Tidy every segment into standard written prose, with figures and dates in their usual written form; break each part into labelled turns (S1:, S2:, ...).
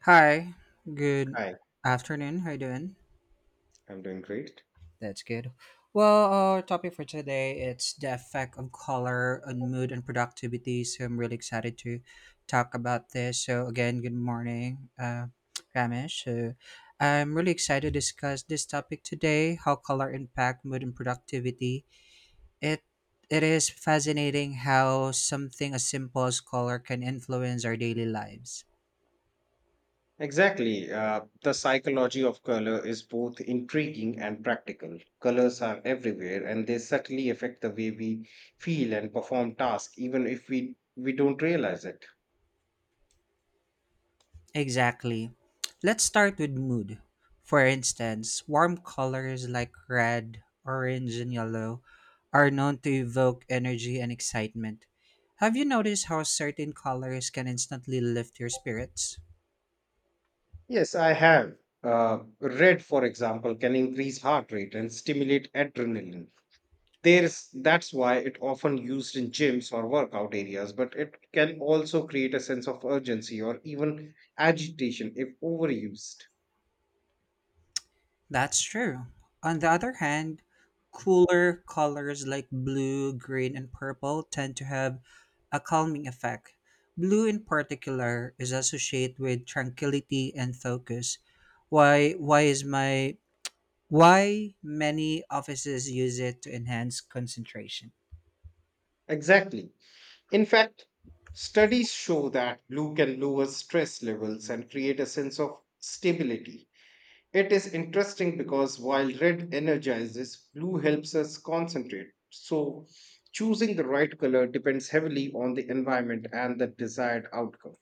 S1: Hi, good
S2: Hi,
S1: afternoon. How you doing?
S2: I'm doing great.
S1: That's good. Well, our topic for today it's the effect of color on mood and productivity. So I'm really excited to talk about this. So again, good morning, Ramesh. So I'm really excited to discuss this topic today: how color impact mood and productivity. It it is fascinating how something as simple as color can influence our daily lives.
S2: Exactly. The psychology of color is both intriguing and practical. Colors are everywhere and they subtly affect the way we feel and perform tasks, even if we don't realize it.
S1: Exactly. Let's start with mood. For instance, warm colors like red, orange, and yellow are known to evoke energy and excitement. Have you noticed how certain colors can instantly lift your spirits?
S2: Yes, I have. Red, for example, can increase heart rate and stimulate adrenaline. There's that's why it often used in gyms or workout areas, but it can also create a sense of urgency or even agitation if overused.
S1: That's true. On the other hand, cooler colors like blue, green, and purple tend to have a calming effect. Blue, in particular, is associated with tranquility and focus. Why? Why is my Why many offices use it to enhance concentration.
S2: Exactly. In fact, studies show that blue can lower stress levels and create a sense of stability. It is interesting because while red energizes, blue helps us concentrate. So, choosing the right color depends heavily on the environment and the desired outcome.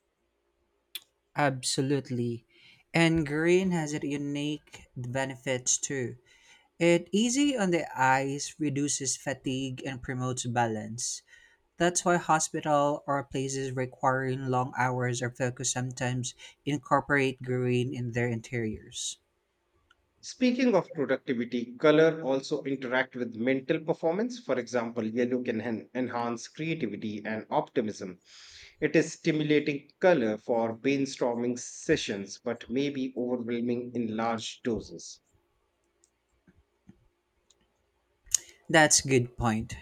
S1: Absolutely. And green has a unique benefits too. It easy on the eyes, reduces fatigue and promotes balance. That's why hospital or places requiring long hours or focus sometimes incorporate green in their interiors.
S2: Speaking of productivity, color also interact with mental performance. For example, yellow can enhance creativity and optimism. It is stimulating color for brainstorming sessions, but may be overwhelming in large doses.
S1: That's a good point.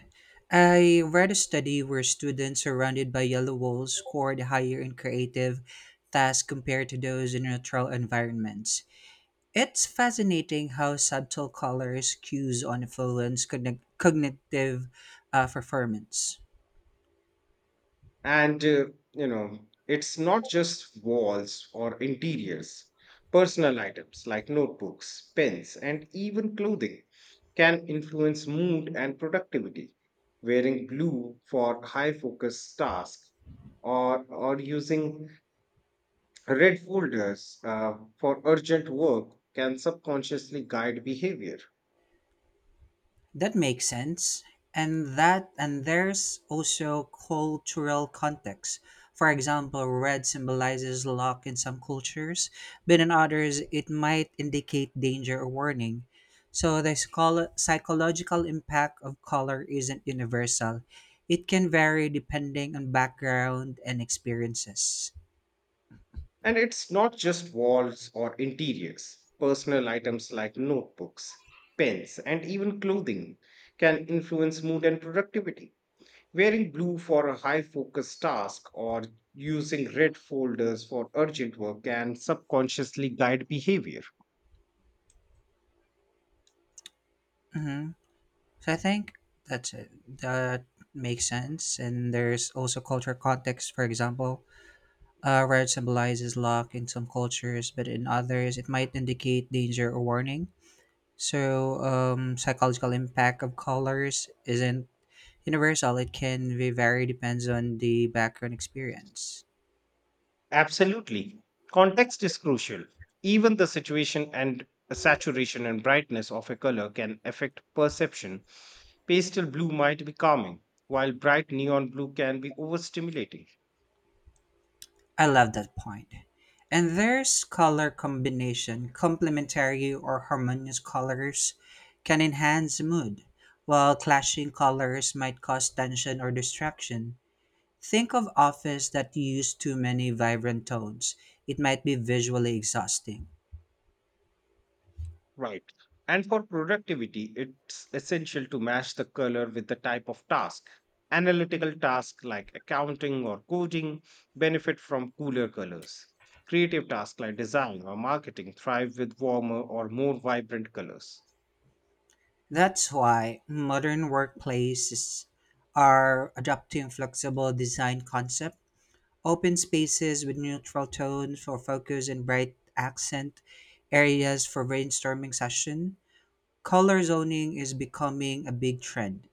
S1: I read a study where students surrounded by yellow walls scored higher in creative tasks compared to those in neutral environments. It's fascinating how subtle colors cues on influence cognitive performance.
S2: And, uh, you know, it's not just walls or interiors. Personal items like notebooks, pens, and even clothing can influence mood and productivity. Wearing blue for high focus tasks or using red folders for urgent work can subconsciously guide behavior.
S1: That makes sense. And there's also cultural context. For example, red symbolizes luck in some cultures, but in others it might indicate danger or warning. So the psychological impact of color isn't universal. It can vary depending on background and experiences.
S2: And it's not just walls or interiors. Personal items like notebooks, pens, and even clothing can influence mood and productivity. Wearing blue for a high focus task or using red folders for urgent work can subconsciously guide behavior.
S1: Hmm. So I think that's it. That makes sense. And there's also cultural context, for example, red symbolizes luck in some cultures, but in others, it might indicate danger or warning. So, psychological impact of colors isn't universal. It can be vary depends on the background experience.
S2: Absolutely. Context is crucial. Even the situation and saturation and brightness of a color can affect perception. Pastel blue might be calming, while bright neon blue can be overstimulating.
S1: I love that point. And there's color combination. Complementary or harmonious colors can enhance mood, while clashing colors might cause tension or distraction. Think of office that use too many vibrant tones. It might be visually exhausting.
S2: Right. And for productivity, it's essential to match the color with the type of task. Analytical tasks like accounting or coding benefit from cooler colors. Creative tasks like design or marketing thrive with warmer or more vibrant colors.
S1: That's why modern workplaces are adopting flexible design concept, open spaces with neutral tones for focus and bright accent, areas for brainstorming session. Color zoning is becoming a big trend.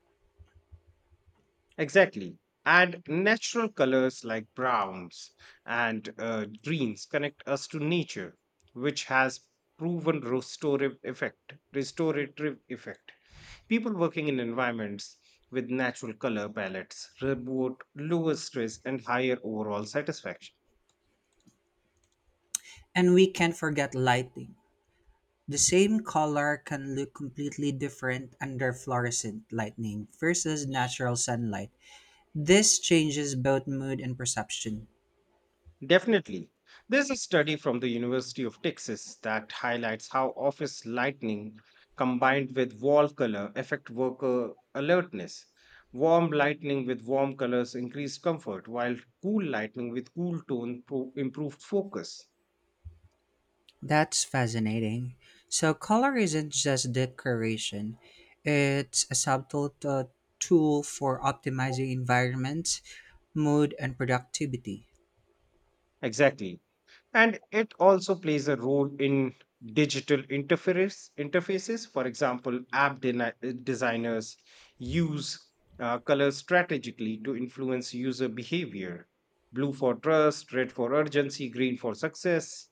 S2: Exactly. And natural colors like browns and greens connect us to nature, which has proven restorative effect. People working in environments with natural color palettes report lower stress and higher overall satisfaction.
S1: And we can't forget lighting. The same color can look completely different under fluorescent lighting versus natural sunlight. This changes both mood and perception.
S2: Definitely. There's a study from the University of Texas that highlights how office lighting combined with wall color affect worker alertness. Warm lighting with warm colors increased comfort, while cool lighting with cool tone improved focus.
S1: That's fascinating. So, color isn't just decoration, it's a subtle tool for optimizing environments, mood, and productivity.
S2: Exactly. And it also plays a role in digital interfaces. For example, app designers use colors strategically to influence user behavior: blue for trust, red for urgency, green for success.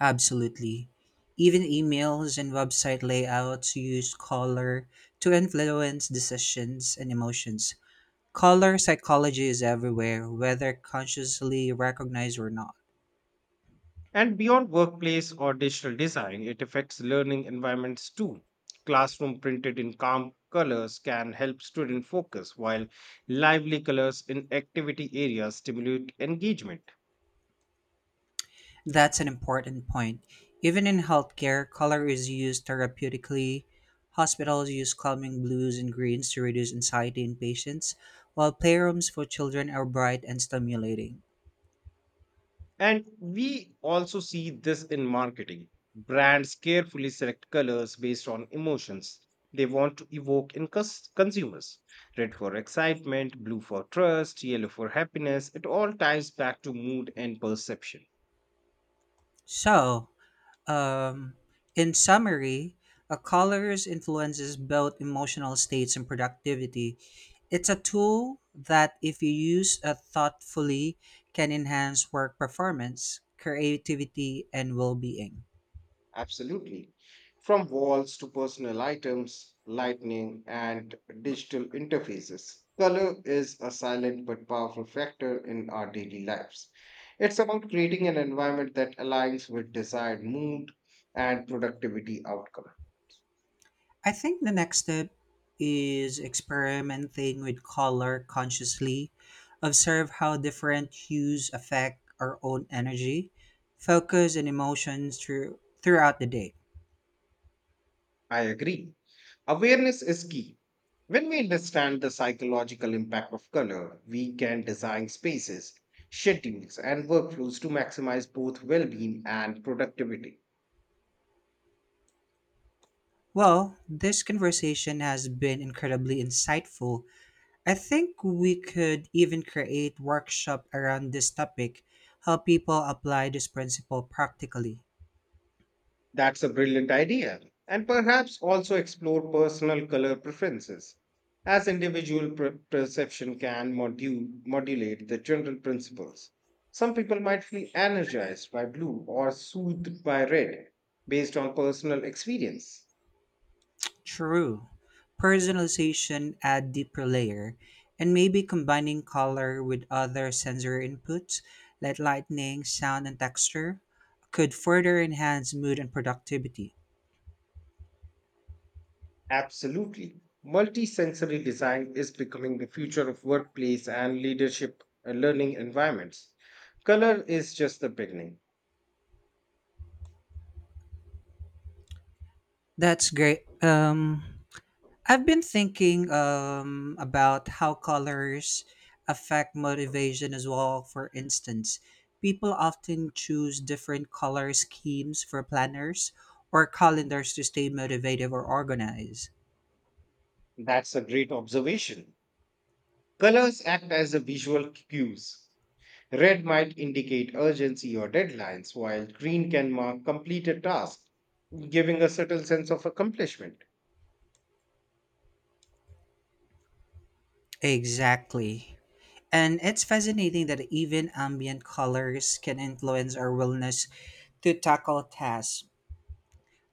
S1: Absolutely. Even emails and website layouts use color to influence decisions and emotions. Color psychology is everywhere, whether consciously recognized or not.
S2: And beyond workplace or digital design, it affects learning environments too. Classroom printed in calm colors can help student focus, while lively colors in activity areas stimulate engagement.
S1: That's an important point. Even in healthcare, color is used therapeutically. Hospitals use calming blues and greens to reduce anxiety in patients, while playrooms for children are bright and stimulating.
S2: And we also see this in marketing. Brands carefully select colors based on emotions they want to evoke in consumers. Red for excitement, blue for trust, yellow for happiness. It all ties back to mood and perception.
S1: So, Um, in summary, a colors influences both emotional states and productivity. It's a tool that, if you use thoughtfully, can enhance work performance, creativity, and well-being.
S2: Absolutely. From walls to personal items, lighting, and digital interfaces, color is a silent but powerful factor in our daily lives. It's about creating an environment that aligns with desired mood and productivity outcome.
S1: I think the next step is experimenting with color consciously. Observe how different hues affect our own energy, focus, and emotions throughout the day.
S2: I agree. Awareness is key. When we understand the psychological impact of color, we can design spaces, schedules, and workflows to maximize both well being and productivity.
S1: Well, this conversation has been incredibly insightful. I think we could even create workshop around this topic, help people apply this principle practically.
S2: That's a brilliant idea, and perhaps also explore personal color preferences, as individual perception can modulate the general principles. Some people might feel energized by blue or soothed by red based on personal experience.
S1: True. Personalization add deeper layer, and maybe combining color with other sensory inputs like lighting, sound, and texture could further enhance mood and productivity.
S2: Absolutely. Multisensory design is becoming the future of workplace and leadership learning environments. Color is just the beginning.
S1: That's great. I've been thinking about how colors affect motivation as well. For instance, people often choose different color schemes for planners or calendars to stay motivated or organized.
S2: That's a great observation. Colors act as a visual cues. Red might indicate urgency or deadlines, while green can mark completed tasks, giving a subtle sense of accomplishment.
S1: Exactly. And it's fascinating that even ambient colors can influence our willingness to tackle tasks.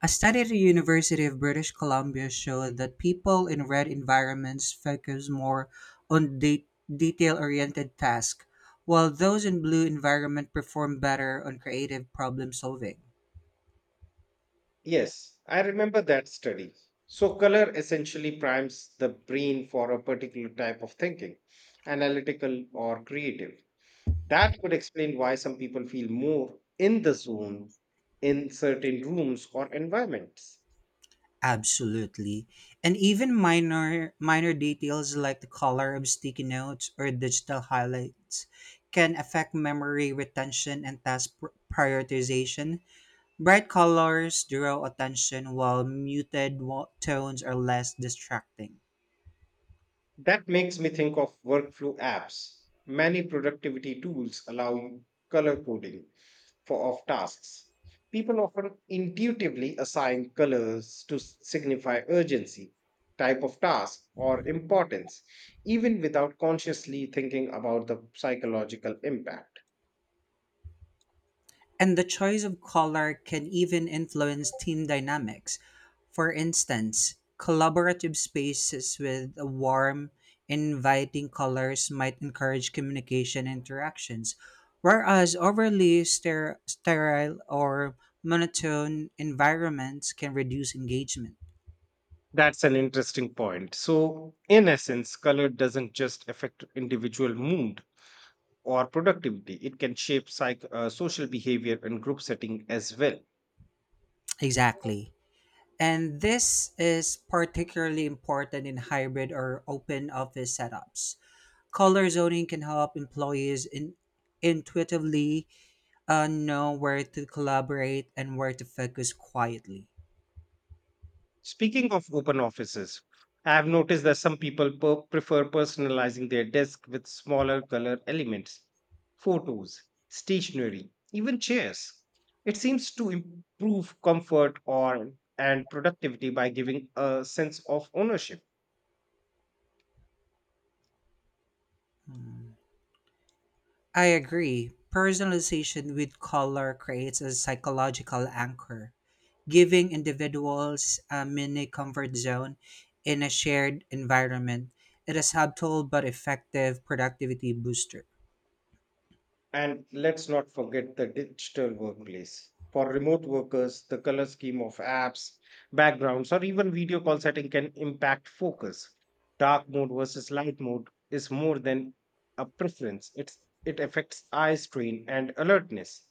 S1: A study at the University of British Columbia showed that people in red environments focus more on detail oriented tasks, while those in blue environment perform better on creative problem solving.
S2: Yes, I remember that study. So, color essentially primes the brain for a particular type of thinking, analytical or creative. That could explain why some people feel more in the zone in certain rooms or environments.
S1: Absolutely. And even minor details like the color of sticky notes or digital highlights can affect memory retention and task prioritization. Bright colors draw attention while muted tones are less distracting.
S2: That makes me think of workflow apps. Many productivity tools allow color coding for of tasks. People often intuitively assign colors to signify urgency, type of task, or importance, even without consciously thinking about the psychological impact.
S1: And the choice of color can even influence team dynamics. For instance, collaborative spaces with warm, inviting colors might encourage communication interactions, whereas overly sterile or monotone environments can reduce engagement.
S2: That's an interesting point. So, in essence, color doesn't just affect individual mood, or productivity. It can shape social behavior and group setting as well.
S1: Exactly. And this is particularly important in hybrid or open office setups. Color zoning can help intuitively know where to collaborate and where to focus quietly.
S2: Speaking of open offices, I have noticed that some people prefer personalizing their desk with smaller color elements, photos, stationery, even chairs. It seems to improve comfort or and productivity by giving a sense of ownership.
S1: Hmm. I agree. Personalization with color creates a psychological anchor, giving individuals a mini comfort zone in a shared environment. It is subtle but effective productivity booster.
S2: And let's not forget the digital workplace. For remote workers, the color scheme of apps, backgrounds, or even video call setting can impact focus. Dark mode versus light mode is more than a preference. It affects eye strain and alertness.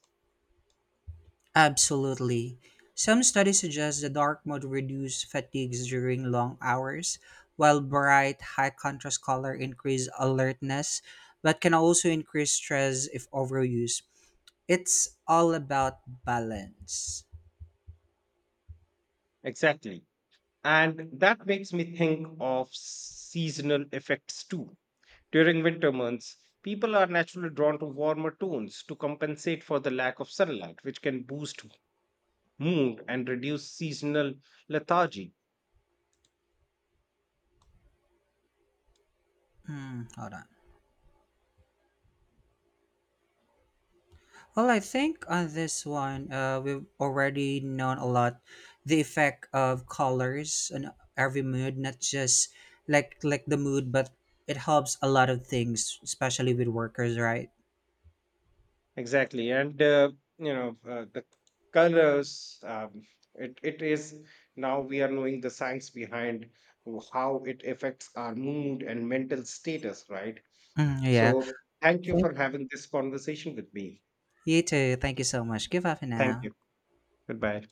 S1: Absolutely. Some studies suggest the dark mode reduces fatigue during long hours, while bright, high contrast color increase alertness, but can also increase stress if overused. It's all about balance.
S2: Exactly. And that makes me think of seasonal effects too. During winter months, people are naturally drawn to warmer tones to compensate for the lack of sunlight, which can boost mood and reduce seasonal lethargy.
S1: Hmm, hold on. Well, I think on this one, we've already known a lot the effect of colors on every mood, not just like the mood, but it helps a lot of things, especially with workers, right?
S2: Exactly, and the colors. It is, now we are knowing the science behind how it affects our mood and mental status, right?
S1: Mm, yeah.
S2: So thank you
S1: Thank
S2: for having this conversation with me.
S1: you too. Thank you so much. Give up
S2: Thank
S1: now.
S2: you. Goodbye.